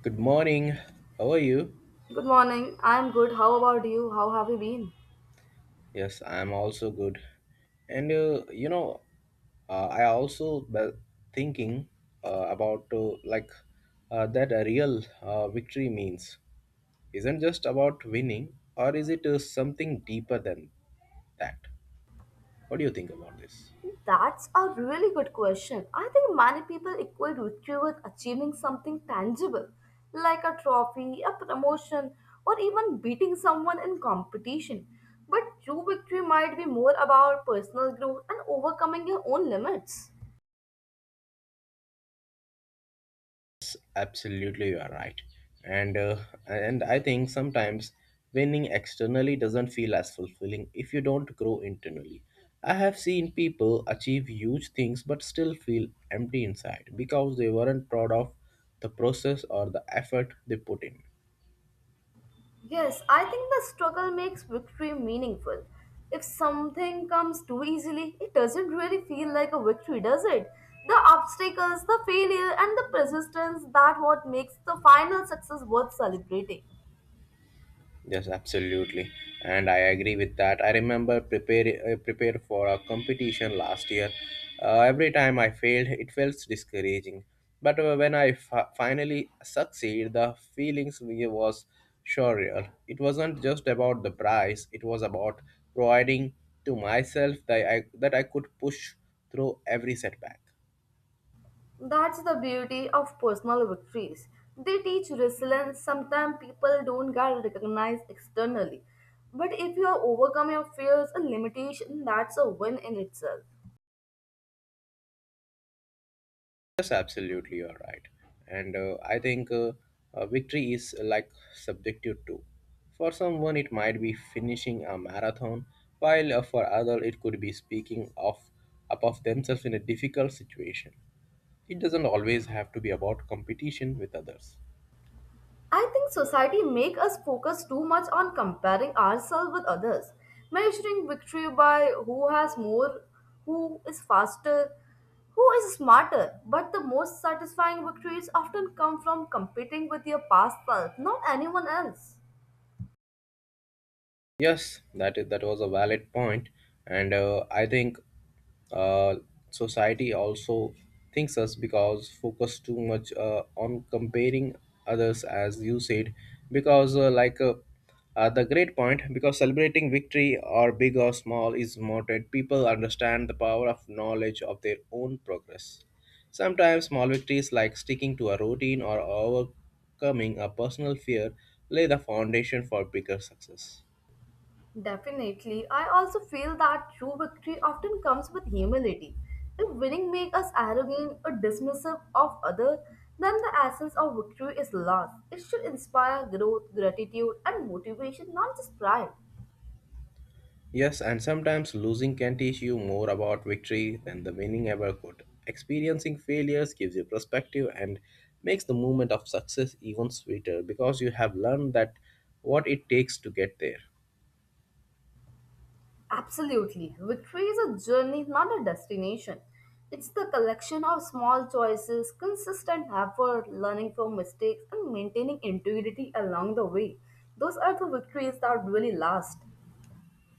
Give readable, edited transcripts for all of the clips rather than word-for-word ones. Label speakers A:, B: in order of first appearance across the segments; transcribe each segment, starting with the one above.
A: Good morning. How are you?
B: Good morning. I'm good. How about you? How have you been?
A: Yes, I'm also good. And I also thinking about that a real victory means isn't just about winning, or is it something deeper than that? What do you think about this?
B: That's a really good question. I think many people equate victory with achieving something tangible, like a trophy, a promotion, or even beating someone in competition. But true victory might be more about personal growth and overcoming your own limits.
A: Absolutely, you are right. And uh, and I think sometimes winning externally doesn't feel as fulfilling if you don't grow internally. I have seen people achieve huge things but still feel empty inside because they weren't proud of the process or the effort they put in.
B: Yes, I think the struggle makes victory meaningful. If something comes too easily, it doesn't really feel like a victory, does it? The obstacles, the failure, and the persistence that what makes the final success worth celebrating.
A: Yes, absolutely, and I agree with that. I remember prepared for a competition last year. Every time I failed, it felt discouraging. But when I finally succeeded, the feelings was surreal. It wasn't just about the prize; it was about providing to myself that I could push through every setback.
B: That's the beauty of personal victories. They teach resilience. Sometimes people don't get recognized externally. But if you overcome your fears and limitations, that's a win in itself.
A: Yes, absolutely, you're right. And I think, victory is, like, subjective too. For someone, it might be finishing a marathon, while for other, it could be speaking of up of themselves in a difficult situation. It doesn't always have to be about competition with others.
B: I think society make us focus too much on comparing ourselves with others, measuring victory by who has more, who is faster, who is smarter. But the most satisfying victories often come from competing with your past self, not anyone else.
A: Yes, that was a valid point, and I think uh, society also thinks us because focus too much on comparing others, as you said, because the great point, because celebrating victory or big or small is motivated. People understand the power of knowledge of their own progress. Sometimes small victories like sticking to a routine or overcoming a personal fear lay the foundation for bigger success.
B: Definitely. I also feel that true victory often comes with humility. If winning makes us arrogant or dismissive of others, then the essence of victory is lost. It should inspire growth, gratitude, and motivation, not just pride.
A: Yes, and sometimes losing can teach you more about victory than the winning ever could. Experiencing failures gives you perspective and makes the moment of success even sweeter, because you have learned that what it takes to get there.
B: Absolutely. Victory is a journey, not a destination. It's the collection of small choices, consistent effort, learning from mistakes, and maintaining integrity along the way. Those are the victories that really last.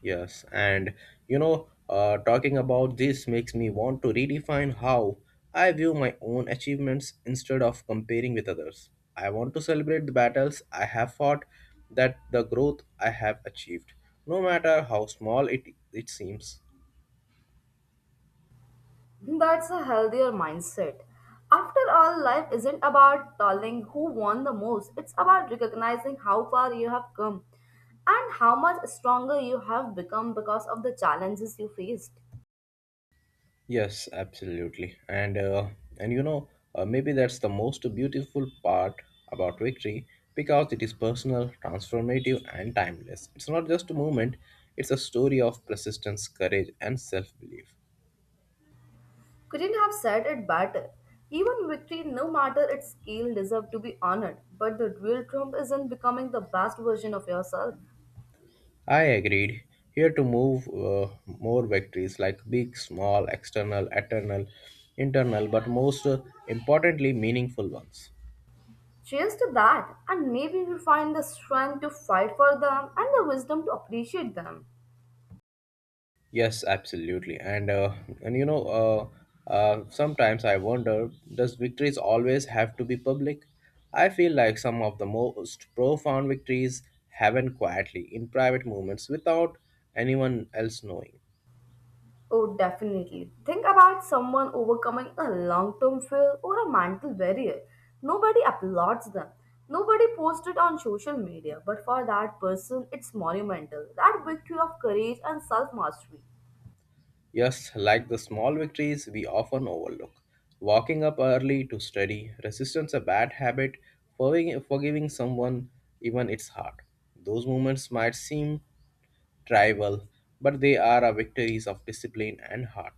A: Yes, and talking about this makes me want to redefine how I view my own achievements instead of comparing with others. I want to celebrate the battles I have fought, that the growth I have achieved, no matter how small it seems.
B: That's a healthier mindset. After all, life isn't about telling who won the most, it's about recognizing how far you have come and how much stronger you have become because of the challenges you faced.
A: Yes, absolutely. And maybe that's the most beautiful part about victory, because it is personal, transformative, and timeless. It's not just a moment, it's a story of persistence, courage, and self-belief.
B: Couldn't have said it better. Even victory, no matter its scale, deserve to be honored. But the real triumph is in becoming the best version of yourself.
A: I agreed. Here to move more victories like big, small, external, eternal, internal, but most importantly, meaningful ones.
B: Cheers to that, and maybe you find the strength to fight for them and the wisdom to appreciate them.
A: Yes, absolutely. And sometimes I wonder, does victories always have to be public? I feel like some of the most profound victories happen quietly in private moments without anyone else knowing.
B: Oh, definitely. Think about someone overcoming a long term fear or a mental barrier. Nobody applauds them. Nobody posts it on social media, but for that person, it's monumental. That victory of courage and self mastery.
A: Yes, like the small victories we often overlook. Walking up early to study, resistance a bad habit, forgiving someone even it's hard. Those moments might seem tribal, but they are a victories of discipline and heart.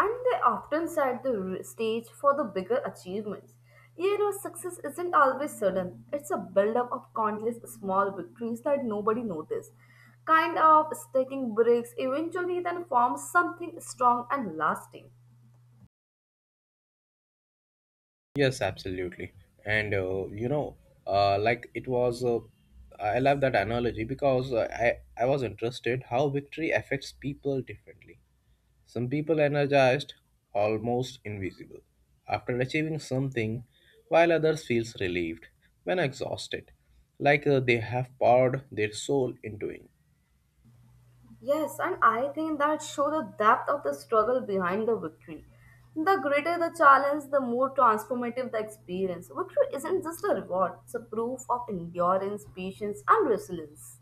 B: And they often set the stage for the bigger achievements. You know, success isn't always sudden, it's a buildup of countless small victories that nobody noticed. Kind of taking breaks eventually then forms something strong and lasting.
A: Yes, absolutely. And you know, like it was, I love that analogy because I was interested how victory affects people differently. Some people energized, almost invisible, after achieving something, while others feels relieved when exhausted, like they have poured their soul into it.
B: Yes, and I think that show the depth of the struggle behind the victory. The greater the challenge, the more transformative the experience. Victory isn't just a reward, it's a proof of endurance, patience, and resilience.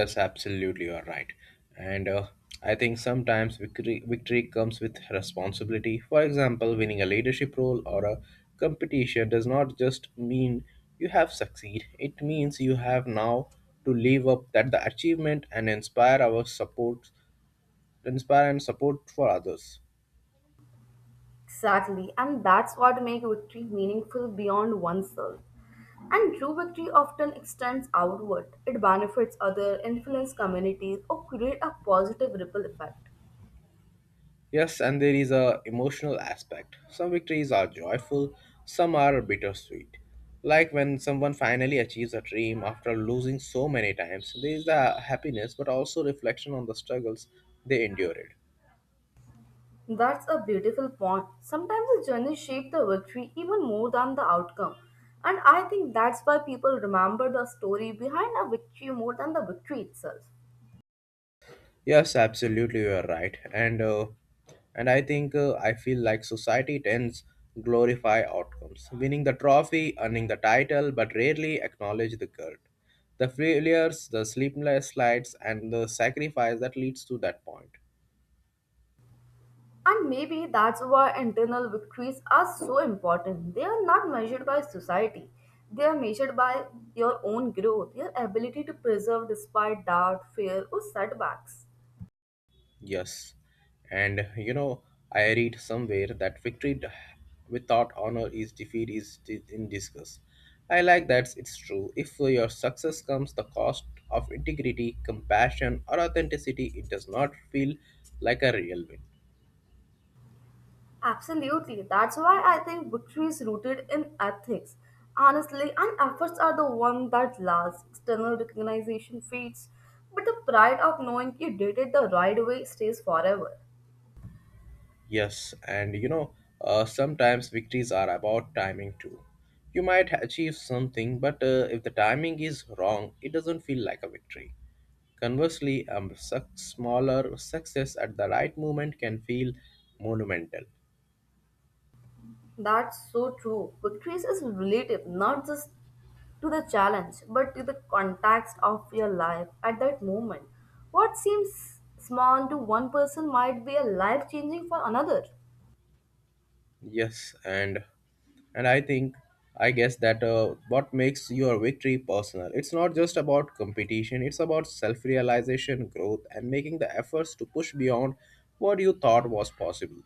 A: Yes, absolutely you are right. And I think sometimes victory comes with responsibility. For example, winning a leadership role or a competition does not just mean you have succeed. It means you have now to live up that the achievement and inspire our support, inspire and support for others.
B: Exactly, and that's what makes victory meaningful beyond oneself. And true victory often extends outward. It benefits others, influences communities, or creates a positive ripple effect.
A: Yes, and there is a emotional aspect. Some victories are joyful, some are bittersweet. Like when someone finally achieves a dream after losing so many times, there is the happiness but also reflection on the struggles they endured.
B: That's a beautiful point. Sometimes the journey shapes the victory even more than the outcome. And I think that's why people remember the story behind a victory more than the victory itself.
A: Yes, absolutely, you are right. And I think, I feel like society tends glorify outcomes, winning the trophy, earning the title, but rarely acknowledge the guilt, the failures, the sleepless nights, and the sacrifice that leads to that point.
B: And maybe that's why internal victories are so important. They are not measured by society, they are measured by your own growth, your ability to preserve despite doubt, fear, or setbacks.
A: Yes, and I read somewhere that victory without honor is defeat is in disgust. I like that it's true. If your success comes the cost of integrity, compassion, or authenticity, it does not feel like a real win.
B: Absolutely. That's why I think victory is rooted in ethics. Honestly, and efforts are the one that lasts. External recognition fades, but the pride of knowing you did it the right way stays forever.
A: Yes, and sometimes victories are about timing too. You might achieve something, but if the timing is wrong, it doesn't feel like a victory. Conversely, a suc smaller success at the right moment can feel monumental.
B: That's so true. Victory is relative, not just to the challenge, but to the context of your life at that moment. What seems small to one person might be a life changing for another.
A: Yes, and I think I guess that what makes your victory personal. It's not just about competition. It's about self-realization, growth, and making the efforts to push beyond what you thought was possible.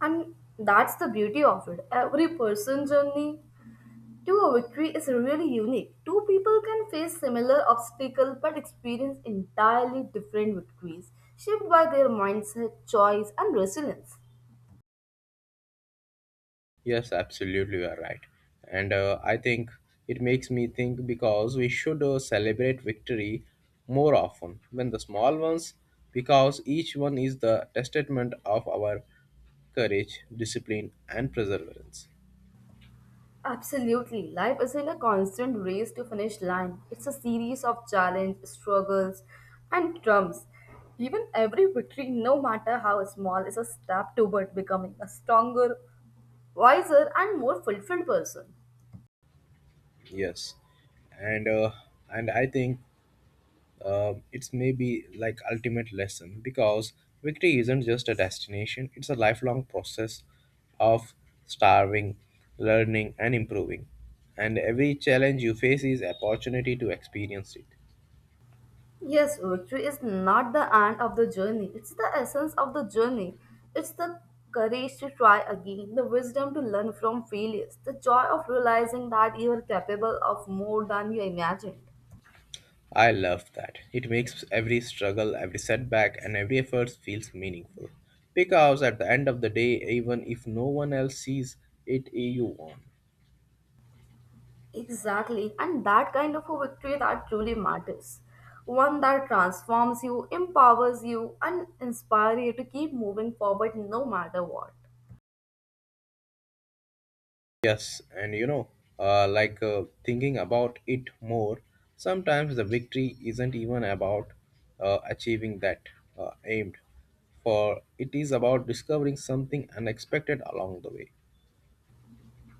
B: And that's the beauty of it. Every person's journey to a victory is really unique. Two people can face similar obstacles but experience entirely different victories, shaped by their mindset, choice, and resilience.
A: Yes, absolutely, you are right. And I think it makes me think because we should celebrate victory more often than the small ones, because each one is the testament of our courage, discipline, and perseverance.
B: Absolutely, life isn't a constant race to finish line. It's a series of challenges, struggles, and triumphs. Even every victory, no matter how small, is a step toward becoming a stronger, wiser, and more fulfilled person.
A: Yes, and uh, and I think, it's maybe like ultimate lesson, because victory isn't just a destination, it's a lifelong process of starving, learning, and improving. And every challenge you face is opportunity to experience it.
B: Yes, victory is not the end of the journey. It's the essence of the journey. It's the courage to try again, the wisdom to learn from failures, the joy of realizing that you are capable of more than you imagined.
A: I love that. It makes every struggle, every setback, and every effort feels meaningful, because at the end of the day, even if no one else sees it, you won.
B: Exactly, and that kind of a victory that truly matters. One that transforms you, empowers you, and inspires you to keep moving forward no matter what.
A: Yes, and thinking about it more, sometimes the victory isn't even about achieving that aimed for, it is about discovering something unexpected along the way.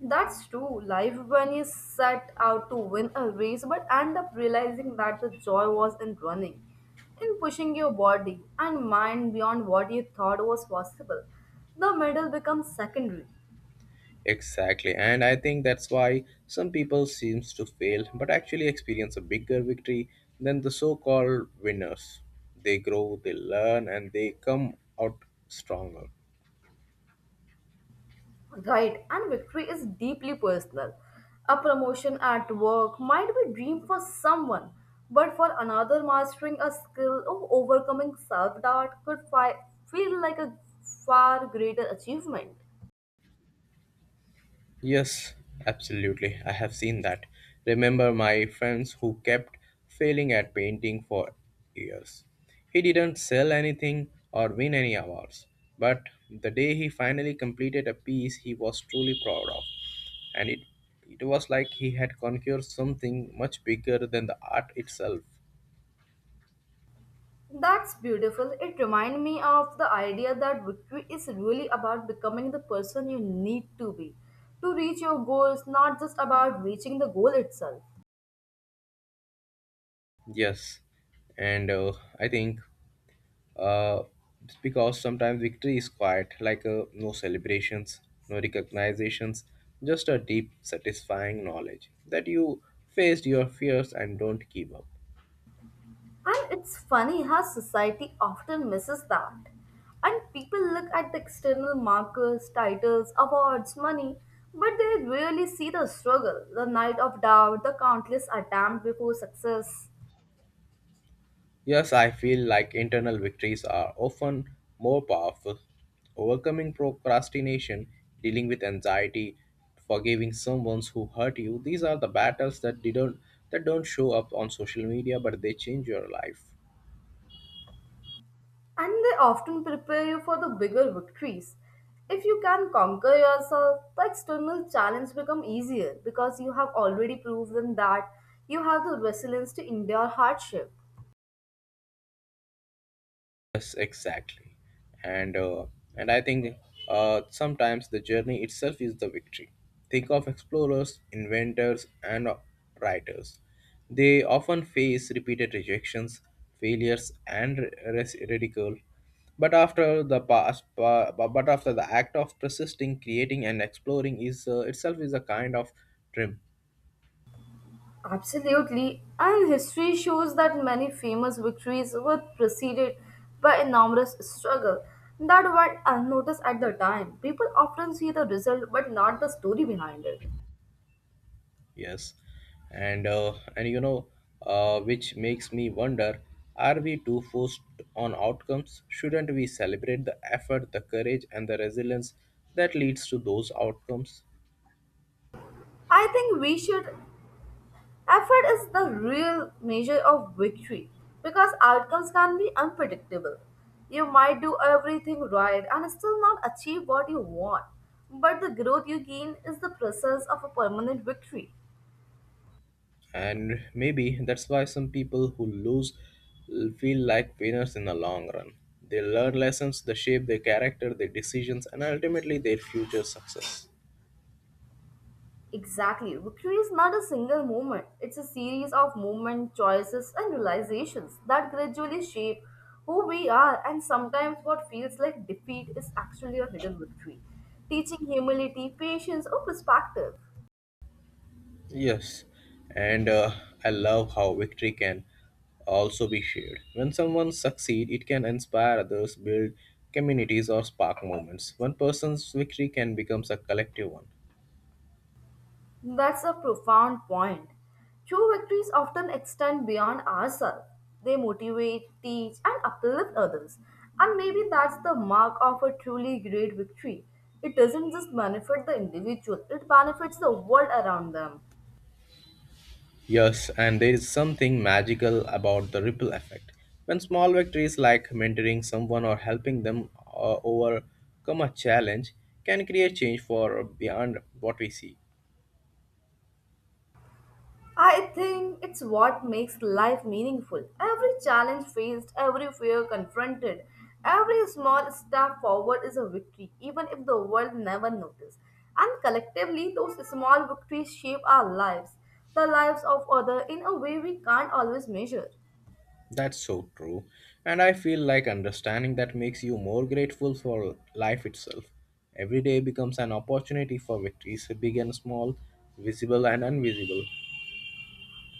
B: That's true. Life when you set out to win a race but end up realizing that the joy was in running, in pushing your body and mind beyond what you thought was possible. The medal becomes secondary.
A: Exactly, and I think that's why some people seems to fail but actually experience a bigger victory than the so-called winners. They grow, they learn, and they come out stronger.
B: Right, and victory is deeply personal. A promotion at work might be dream for someone, but for another mastering a skill or overcoming self-doubt could feel like a far greater achievement.
A: Yes, absolutely. I have seen that. Remember my friends who kept failing at painting for years. He didn't sell anything or win any awards, but the day he finally completed a piece he was truly proud of, and it was like he had conquered something much bigger than the art itself.
B: That's beautiful. It reminds me of the idea that victory is really about becoming the person you need to be to reach your goals, not just about reaching the goal itself.
A: Yes, and I think uh, it's because sometimes victory is quiet, like no celebrations, no recognitions, just a deep, satisfying knowledge that you faced your fears and don't give up.
B: And it's funny how society often misses that. And people look at the external markers, titles, awards, money, but they rarely see the struggle, the night of doubt, the countless attempts before success.
A: Yes, I feel like internal victories are often more powerful. Overcoming procrastination, dealing with anxiety, forgiving someone who hurt you, these are the battles that didn't that don't show up on social media, but they change your life.
B: And they often prepare you for the bigger victories. If you can conquer yourself, the external challenge become easier because you have already proven that you have the resilience to endure hardship.
A: Yes, exactly. And uh, and I think sometimes the journey itself is the victory. Think of explorers, inventors, and writers. They often face repeated rejections, failures, and ridicule. But after the act of persisting, creating, and exploring is itself is a kind of dream.
B: Absolutely, and history shows that many famous victories were preceded by enormous struggle that went unnoticed at the time. People often see the result but not the story behind it.
A: Yes, and which makes me wonder: are we too focused on outcomes? Shouldn't we celebrate the effort, the courage, and the resilience that leads to those outcomes?
B: I think we should. Effort is the real measure of victory because outcomes can be unpredictable. You might do everything right and still not achieve what you want, but the growth you gain is the process of a permanent victory.
A: And maybe that's why some people who lose feel like winners in the long run. They learn lessons, they shape their character, their decisions, and ultimately their future success.
B: Exactly, victory is not a single moment, it's a series of movement, choices, and realizations that gradually shape who we are, and sometimes what feels like defeat is actually a hidden victory, teaching humility, patience, or perspective.
A: Yes, and I love how victory can also be shared. When someone succeeds, it can inspire others, build communities, or spark moments. One person's victory can become a collective one.
B: That's a profound point. True victories often extend beyond ourselves. They motivate, teach, and uplift others. And maybe that's the mark of a truly great victory. It doesn't just benefit the individual, it benefits the world around them.
A: Yes, and there is something magical about the ripple effect. When small victories like mentoring someone or helping them overcome a challenge can create change for beyond what we see.
B: I think it's what makes life meaningful. Every challenge faced, every fear confronted, every small step forward is a victory, even if the world never notices. And collectively, those small victories shape our lives, the lives of others, in a way we can't always measure.
A: That's so true. And I feel like understanding that makes you more grateful for life itself. Every day becomes an opportunity for victories, big and small, visible and invisible.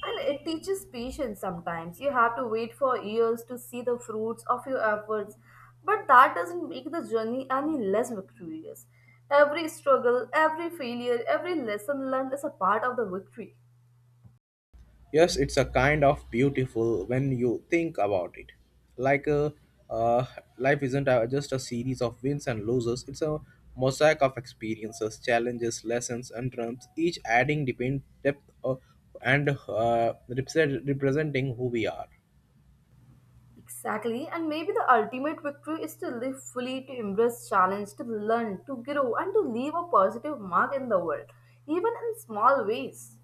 B: And it teaches patience sometimes. You have to wait for years to see the fruits of your efforts, but that doesn't make the journey any less victorious. Every struggle, every failure, every lesson learned is a part of the victory.
A: Yes, it's a kind of beautiful when you think about it. Like a uh, Life isn't just a series of wins and losses. It's a mosaic of experiences, challenges, lessons, and triumphs, each adding depend depth, and representing who we are.
B: Exactly, and maybe the ultimate victory is to live fully, to embrace challenge, to learn, to grow, and to leave a positive mark in the world, even in small ways.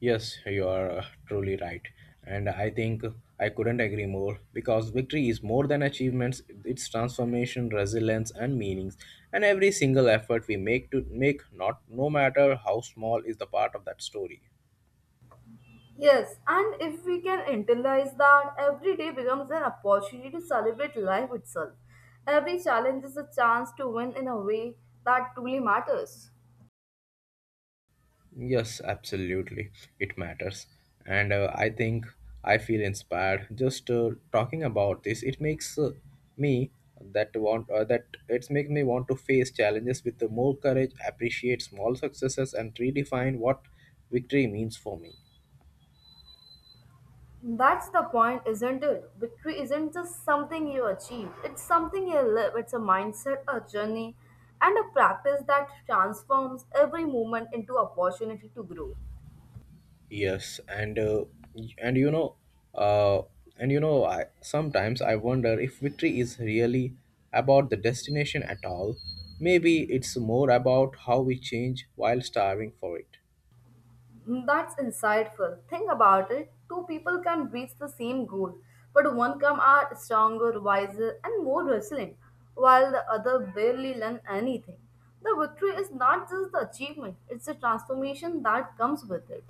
A: Yes, you are truly right. And I think I couldn't agree more, because victory is more than achievements, it's transformation, resilience, and meanings. And every single effort we make not no matter how small, is the part of that story.
B: Yes, and if we can internalize that, every day becomes an opportunity to celebrate life itself. Every challenge is a chance to win in a way that truly matters.
A: Yes, absolutely. It matters. And I think I feel inspired just talking about this. It makes me that want that it's making me want to face challenges with more courage, appreciate small successes, and redefine what victory means for me.
B: That's the point, isn't it? Victory isn't just something you achieve, it's something you live. It's a mindset, a journey, and a practice that transforms every moment into opportunity to grow.
A: Yes, and y- uh, and you know, I sometimes I wonder if victory is really about the destination at all. Maybe it's more about how we change while starving for it.
B: That's insightful. Think about it. Two people can reach the same goal, but one come out stronger, wiser, and more resilient, while the other barely learn anything. The victory is not just the achievement, it's the transformation that comes with it.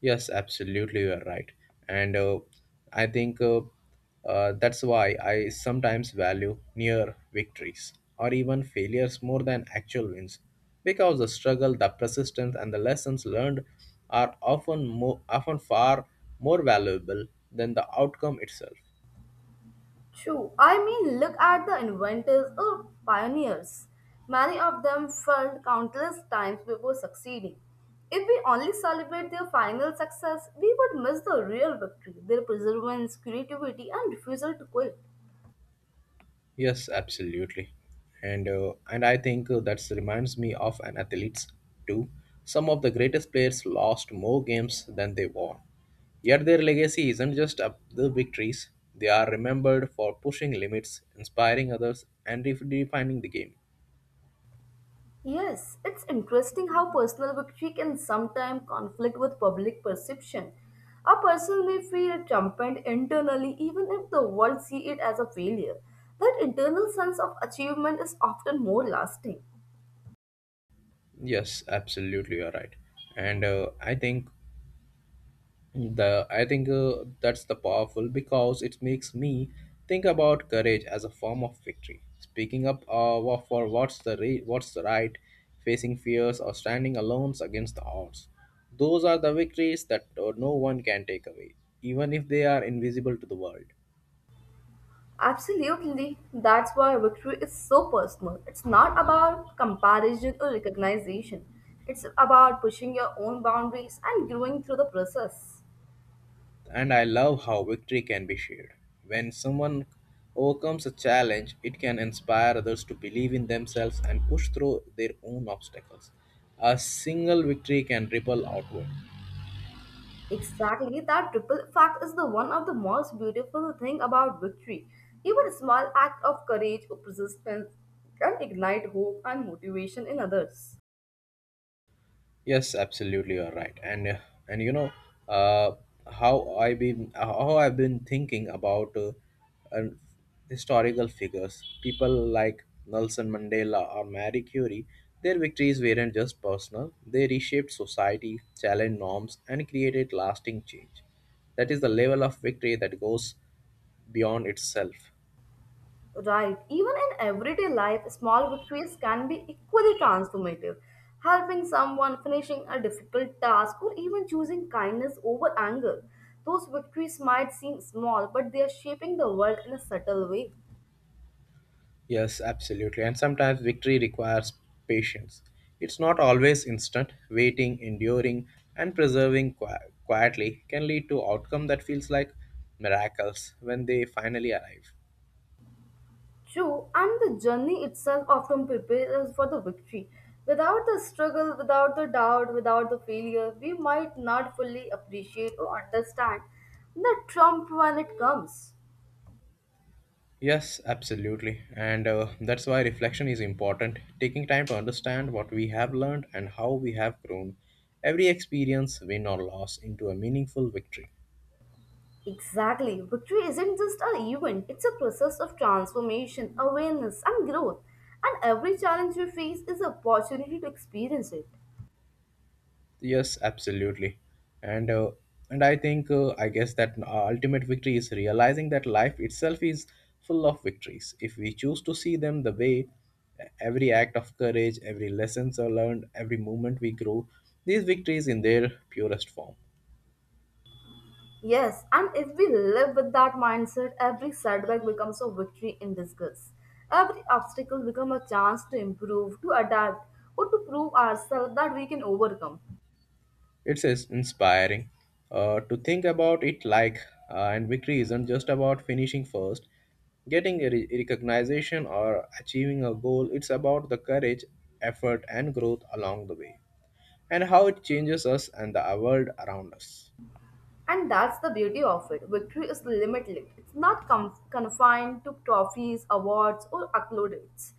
A: Yes, absolutely, you are right. And I think, that's why I sometimes value near victories or even failures more than actual wins, because the struggle, the persistence, and the lessons learned are often far more valuable than the outcome itself.
B: True. I mean, look at the inventors or pioneers. Many of them failed countless times before succeeding. If we only celebrate their final success, we would miss the real victory, their perseverance, creativity, and refusal to quit.
A: Yes, absolutely. And I think that reminds me of an athletes too. Some of the greatest players lost more games than they won. Yet their legacy isn't just up the victories. They are remembered for pushing limits, inspiring others, and redefining the game.
B: Yes, it's interesting how personal victory can sometimes conflict with public perception. A person may feel triumphant internally even if the world see it as a failure. That internal sense of achievement is often more lasting.
A: Yes, absolutely, you're right. And I think The I think that's the powerful because it makes me think about courage as a form of victory. Speaking up for what's the right, facing fears or standing alone against the odds. Those are the victories that no one can take away, even if they are invisible to the world.
B: Absolutely. That's why victory is so personal. It's not about comparison or recognition. It's about pushing your own boundaries and growing through the process.
A: And I love how victory can be shared. When someone overcomes a challenge, it can inspire others to believe in themselves and push through their own obstacles. A single victory can ripple outward.
B: Exactly. That triple fact is the one of the most beautiful thing about victory. Even a small act of courage or persistence can ignite hope and motivation in others.
A: Yes, absolutely, you're right. And uh, how I've been thinking about uh, historical figures, people like Nelson Mandela or Marie Curie. Their victories weren't just personal; they reshaped society, challenged norms, and created lasting change. That is the level of victory that goes beyond itself.
B: Right. Even in everyday life, small victories can be equally transformative. Helping someone, finishing a difficult task, or even choosing kindness over anger. Those victories might seem small, but they are shaping the world in a subtle way.
A: Yes, absolutely. And sometimes victory requires patience. It's not always instant. Waiting, enduring, and preserving quietly can lead to outcome that feels like miracles when they finally arrive.
B: True, and the journey itself often prepares us for the victory. Without the struggle, without the doubt, without the failure, we might not fully appreciate or understand the trump when it comes.
A: Yes, absolutely. And that's why reflection is important. Taking time to understand what we have learned and how we have grown. Every experience, win or loss, into a meaningful victory.
B: Exactly. Victory isn't just an event, it's a process of transformation, awareness, and growth. And every challenge we face is an opportunity to experience it.
A: Yes, absolutely. And uh, and I think I guess that ultimate victory is realizing that life itself is full of victories. If we choose to see them the way every act of courage, every lessons are learned, every moment we grow, these victories in their purest form.
B: Yes, and if we live with that mindset, every setback becomes a victory in disguise. Every obstacle becomes a chance to improve, to adapt, or to prove ourselves that we can overcome.
A: It's is inspiring to think about it like and victory isn't just about finishing first, getting a recognition or achieving a goal. It's about the courage, effort and growth along the way, and how it changes us and the world around us.
B: And that's the beauty of it. Victory is limitless. It's not confined to trophies, awards, or accolades.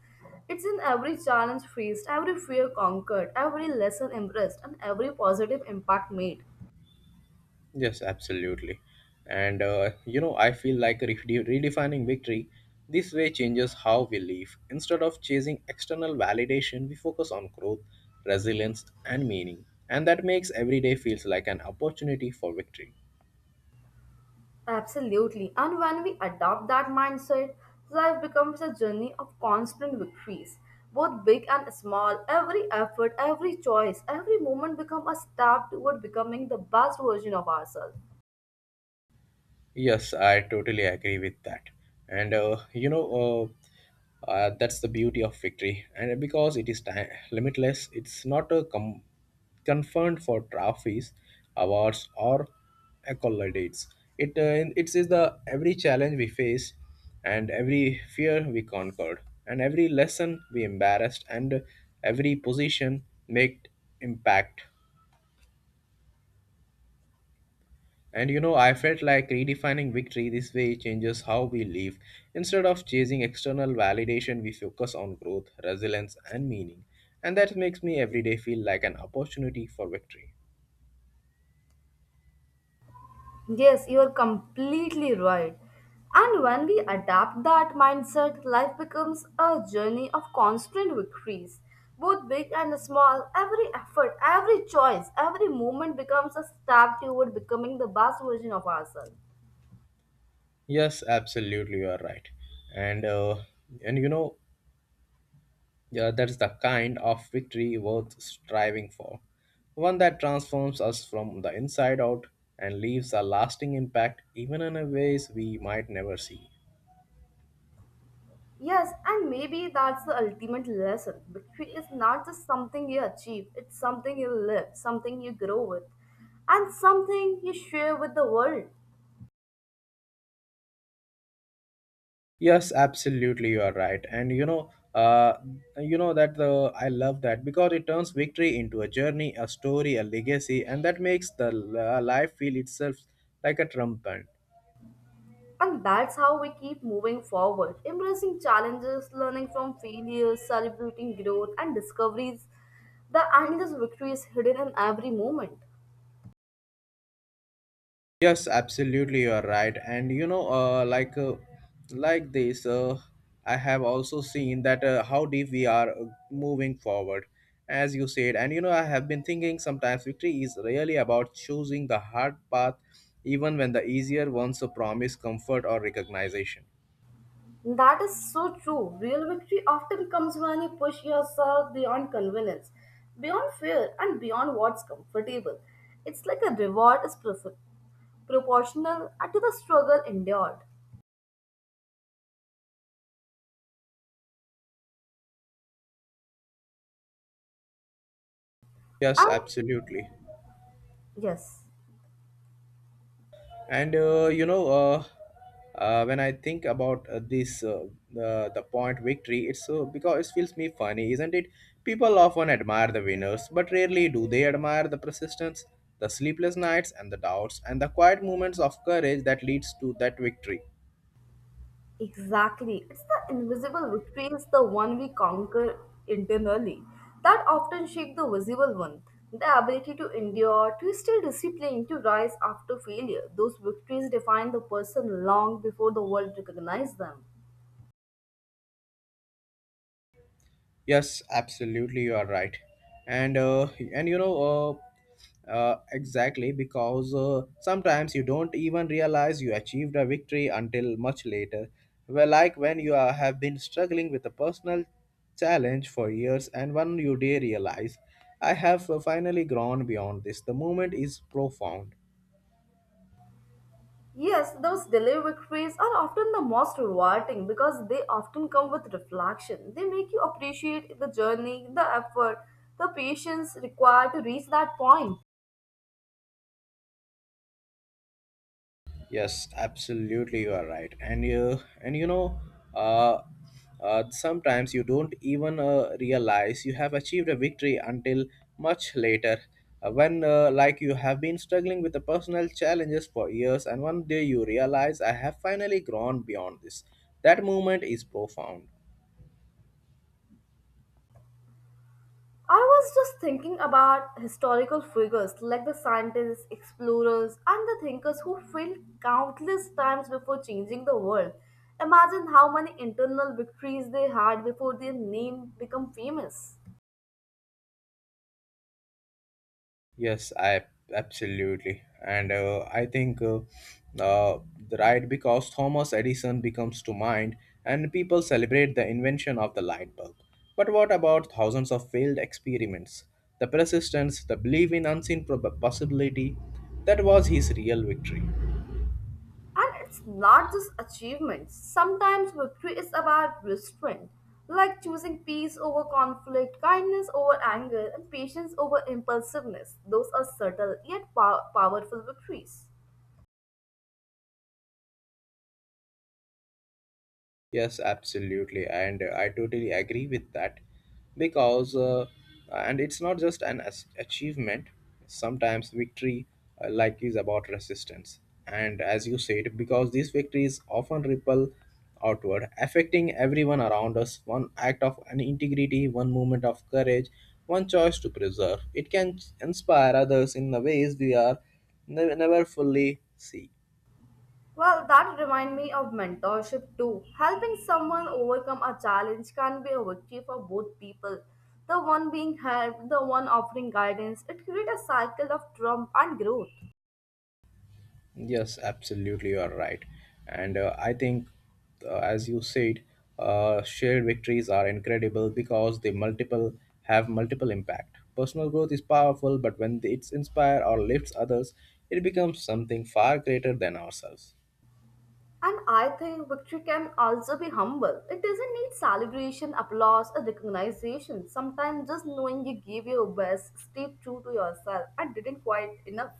B: It's in every challenge faced, every fear conquered, every lesson embraced, and every positive impact made.
A: Yes, absolutely. And you know, I feel like redefining victory this way changes how we live. Instead of chasing external validation, we focus on growth, resilience, and meaning. And that makes every day feels like an opportunity for victory.
B: Absolutely. And when we adopt that mindset, life becomes a journey of constant victories. Both big and small, every effort, every choice, every moment become a step toward becoming the best version of ourselves.
A: Yes, I totally agree with that. And that's the beauty of victory. And because it is time limitless, it's not a confined for trophies, awards, or accolades. It it is the every challenge we face, and every fear we conquered, and every lesson we embarrassed, and every position made impact. And you know, I felt like redefining victory this way changes how we live. Instead of chasing external validation, we focus on growth, resilience, and meaning. And that makes me every day feel like an opportunity for victory.
B: Yes, you are completely right. And when we adapt that mindset, life becomes a journey of constant victories. Both big and small, every effort, every choice, every movement becomes a step toward becoming the best version of ourselves.
A: Yes, absolutely, you are right. And uh, and that's the kind of victory worth striving for. One that transforms us from the inside out and leaves a lasting impact even in a ways we might never see.
B: Yes, and maybe that's the ultimate lesson. Victory is not just something you achieve, it's something you live, something you grow with, and something you share with the world.
A: Yes, absolutely, you are right. And you know that the I love that because it turns victory into a journey, a story, a legacy, and that makes the life feel itself like a triumph.
B: And that's how we keep moving forward, embracing challenges, learning from failures, celebrating growth and discoveries. The endless victory is hidden in every moment.
A: Yes, absolutely, you are right. And you know, like this, uh, I have also seen that how deep we are moving forward, as you said. And you know, I have been thinking sometimes victory is really about choosing the hard path, even when the easier ones promise comfort or recognition.
B: That is so true. Real victory often comes when you push yourself beyond convenience, beyond fear, and beyond what's comfortable. It's like a reward is proportional to the struggle endured.
A: Yes,
B: And
A: absolutely.
B: yes.
A: And you know When I think about this the point victory it's because it feels me funny isn't it, people often admire the winners but rarely do they admire the persistence, the sleepless nights and the doubts and the quiet moments of courage that leads to that victory.
B: Exactly. It's the invisible victories, the one we conquer internally, that often shake the visible one. The ability to endure, to stay disciplined, to rise after failure. Those victories define the person long before the world recognizes them.
A: Yes, absolutely, you are right, and uh, and exactly because sometimes you don't even realize you achieved a victory until much later. Well, like when you are, have been struggling with a personal challenge for years, and one you day realize, I have finally grown beyond this. The moment is profound.
B: Yes, those delay victories are often the most rewarding because they often come with reflection. They make you appreciate the journey, the effort, the patience required to reach that point.
A: Yes, absolutely, you are right. And you know, uh, sometimes you don't even realize you have achieved a victory until much later, when like you have been struggling with the personal challenges for years, and one day you realize I have finally grown beyond this. That moment is profound.
B: I was just thinking about historical figures like the scientists, explorers, and the thinkers who failed countless times before changing the world. Imagine how many internal victories they had before their name became famous.
A: Yes, I absolutely, and I think uh, right because Thomas Edison becomes to mind, and people celebrate the invention of the light bulb. But what about thousands of failed experiments? The persistence, the belief in unseen possibility, that was his real victory.
B: And it's not just achievements. Sometimes victory is about restraint, like choosing peace over conflict, kindness over anger, and patience over impulsiveness. Those are subtle yet powerful victories.
A: Yes, absolutely, and I totally agree with that because, and it's not just an achievement. Sometimes victory, is about resistance, and as you said, because these victories often ripple outward, affecting everyone around us. One act of an integrity, one moment of courage, one choice to preserve. It can inspire others in the ways we are never fully see.
B: Well, that reminds me of mentorship too. Helping someone overcome a challenge can be a victory for both people. The one being helped, the one offering guidance, it creates a cycle of triumph and growth.
A: Yes, absolutely, you are right. And I think, as you said, shared victories are incredible because they multiple have multiple impact. Personal growth is powerful, but when it's inspire or lifts others, it becomes something far greater than ourselves.
B: And I think victory can also be humble. It doesn't need celebration, applause, or recognition. Sometimes just knowing you gave your best, stayed true to yourself, and didn't quite enough.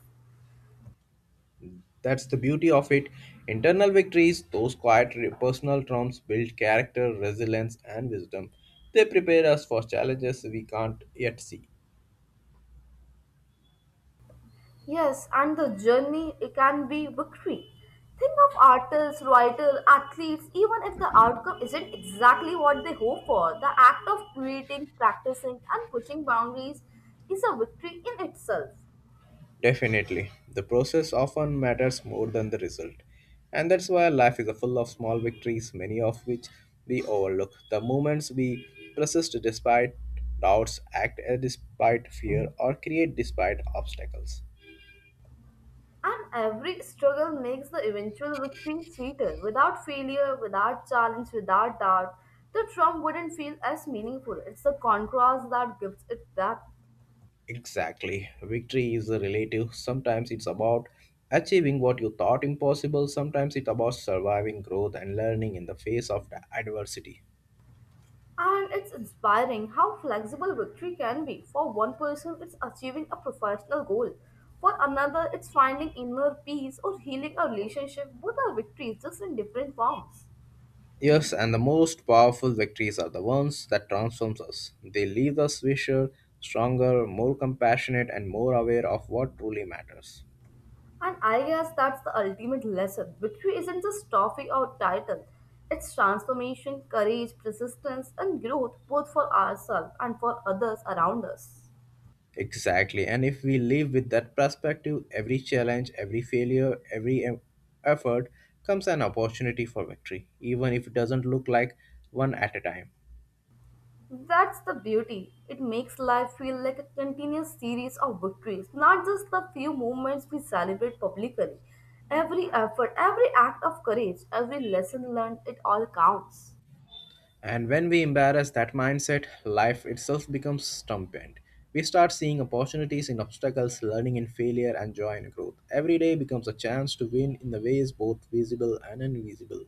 A: That's the beauty of it. Internal victories, those quiet personal triumphs, build character, resilience, and wisdom. They prepare us for challenges we can't yet see.
B: Yes, and the journey it can be victory. Think of artists, writers, athletes, even if the outcome isn't exactly what they hope for, the act of creating, practicing, and pushing boundaries is a victory in itself.
A: Definitely. The process often matters more than the result. And that's why life is full of small victories, many of which we overlook. The moments we persist despite doubts, act despite fear, or create despite obstacles.
B: And every struggle makes the eventual victory sweeter. Without failure, without challenge, without doubt, the triumph wouldn't feel as meaningful. It's the contrast that gives it depth.
A: Exactly. Victory is relative. Sometimes it's about achieving what you thought impossible, sometimes it's about surviving growth and learning in the face of adversity.
B: And it's inspiring how flexible victory can be. For one person, it's achieving a professional goal. For another, it's finding inner peace or healing a relationship. Both are victories, just in different forms.
A: Yes, and the most powerful victories are the ones that transforms us. They leave us richer, stronger, more compassionate, and more aware of what truly matters.
B: And I guess that's the ultimate lesson. Victory isn't just trophy or title. It's transformation, courage, persistence, and growth both for ourselves and for others around us.
A: Exactly, and if we live with that perspective, every challenge, every failure, effort comes an opportunity for victory, even if it doesn't look like one at a time.
B: That's the beauty. It makes life feel like a continuous series of victories, not just the few moments we celebrate publicly. Every effort, every act of courage, every lesson learned, it all counts.
A: And when we embrace that mindset, life itself becomes stampant. We start seeing opportunities in obstacles, learning in failure, and joy in growth. Every day becomes a chance to win in the ways both visible and invisible.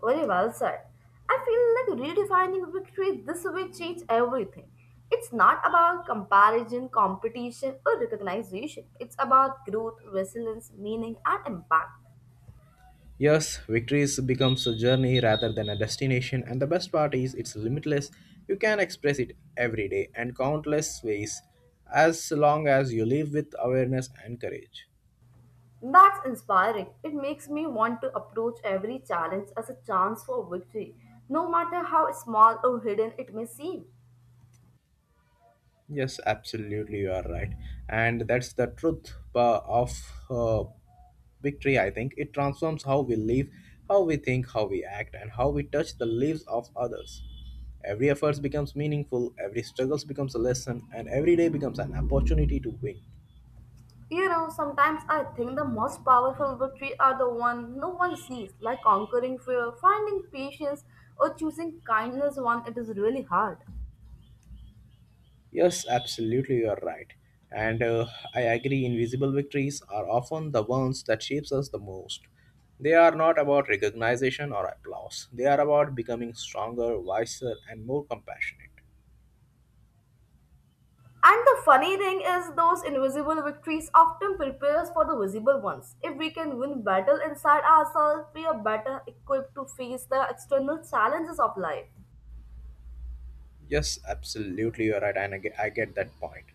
B: Very well said. I feel like redefining victory this way changes everything. It's not about comparison, competition, or recognition. It's about growth, resilience, meaning, and impact.
A: Yes, victories becomes a journey rather than a destination, and the best part is it's limitless. You can express it every day and countless ways, as long as you live with awareness and courage.
B: That's inspiring. It makes me want to approach every challenge as a chance for victory, no matter how small or hidden it may seem.
A: Yes, absolutely, you are right, and that's the truth of uh, victory, I think. It transforms how we live, how we think, how we act, and how we touch the lives of others. Every effort becomes meaningful, every struggle becomes a lesson, and every day becomes an opportunity to win.
B: You know, sometimes I think the most powerful victory are the one no one sees, like conquering fear, finding patience, or choosing kindness when it is really hard.
A: Yes, absolutely, you are right. And I agree, invisible victories are often the ones that shapes us the most. They are not about recognition or applause. They are about becoming stronger, wiser, and more compassionate.
B: And the funny thing is, those invisible victories often prepare us for the visible ones. If we can win battle inside ourselves, we are better equipped to face the external challenges of life.
A: Yes, absolutely, you're right, and I get that point.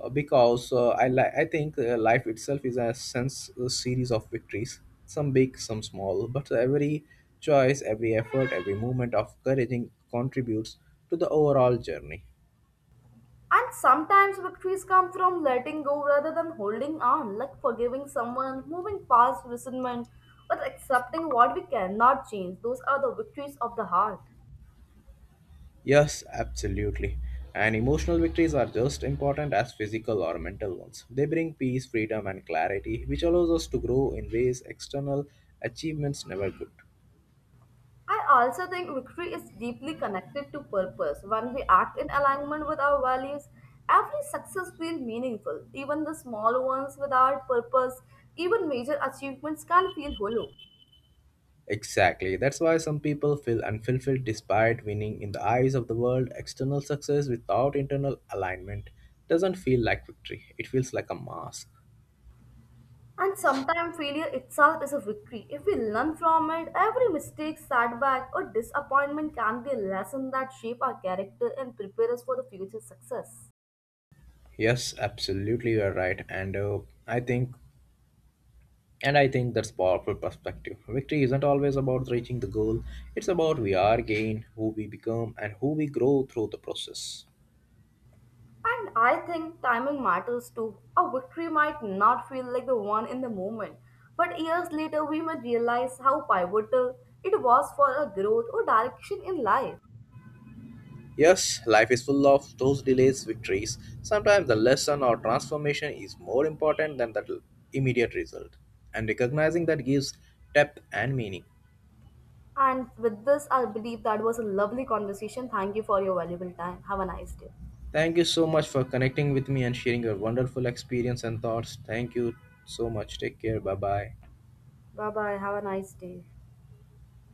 A: Because I think life itself is a series of victories, some big, some small, but every choice, every effort, every moment of courage contributes to the overall journey.
B: And sometimes victories come from letting go rather than holding on, like forgiving someone, moving past resentment, but accepting what we cannot change. Those are the victories of the heart.
A: Yes, absolutely. And emotional victories are just important as physical or mental ones. They bring peace, freedom, and clarity, which allows us to grow in ways external achievements never could.
B: I also think victory is deeply connected to purpose. When we act in alignment with our values, every success feels meaningful. Even the small ones without purpose, even major achievements can feel hollow.
A: Exactly. That's why some people feel unfulfilled despite winning in the eyes of the world. External success without internal alignment doesn't feel like victory, it feels like a mask.
B: And sometimes failure itself is a victory. If we learn from it, every mistake, setback, or disappointment can be a lesson that shape our character and prepare us for the future success.
A: Yes, absolutely, you're right. I think. And I think that's powerful perspective. Victory isn't always about reaching the goal. It's about we are gain, who we become, and who we grow through the process.
B: And I think timing matters too. A victory might not feel like the one in the moment, but years later we might realize how pivotal it was for our growth or direction in life.
A: Yes, life is full of those delays, victories. Sometimes the lesson or transformation is more important than the immediate result. And recognizing that gives depth and meaning.
B: And with this, I believe that was a lovely conversation. Thank you for your valuable time. Have a nice day.
A: Thank you so much for connecting with me and sharing your wonderful experience and thoughts. Thank you so much. Take care. Bye bye.
B: Bye bye. Have a nice day.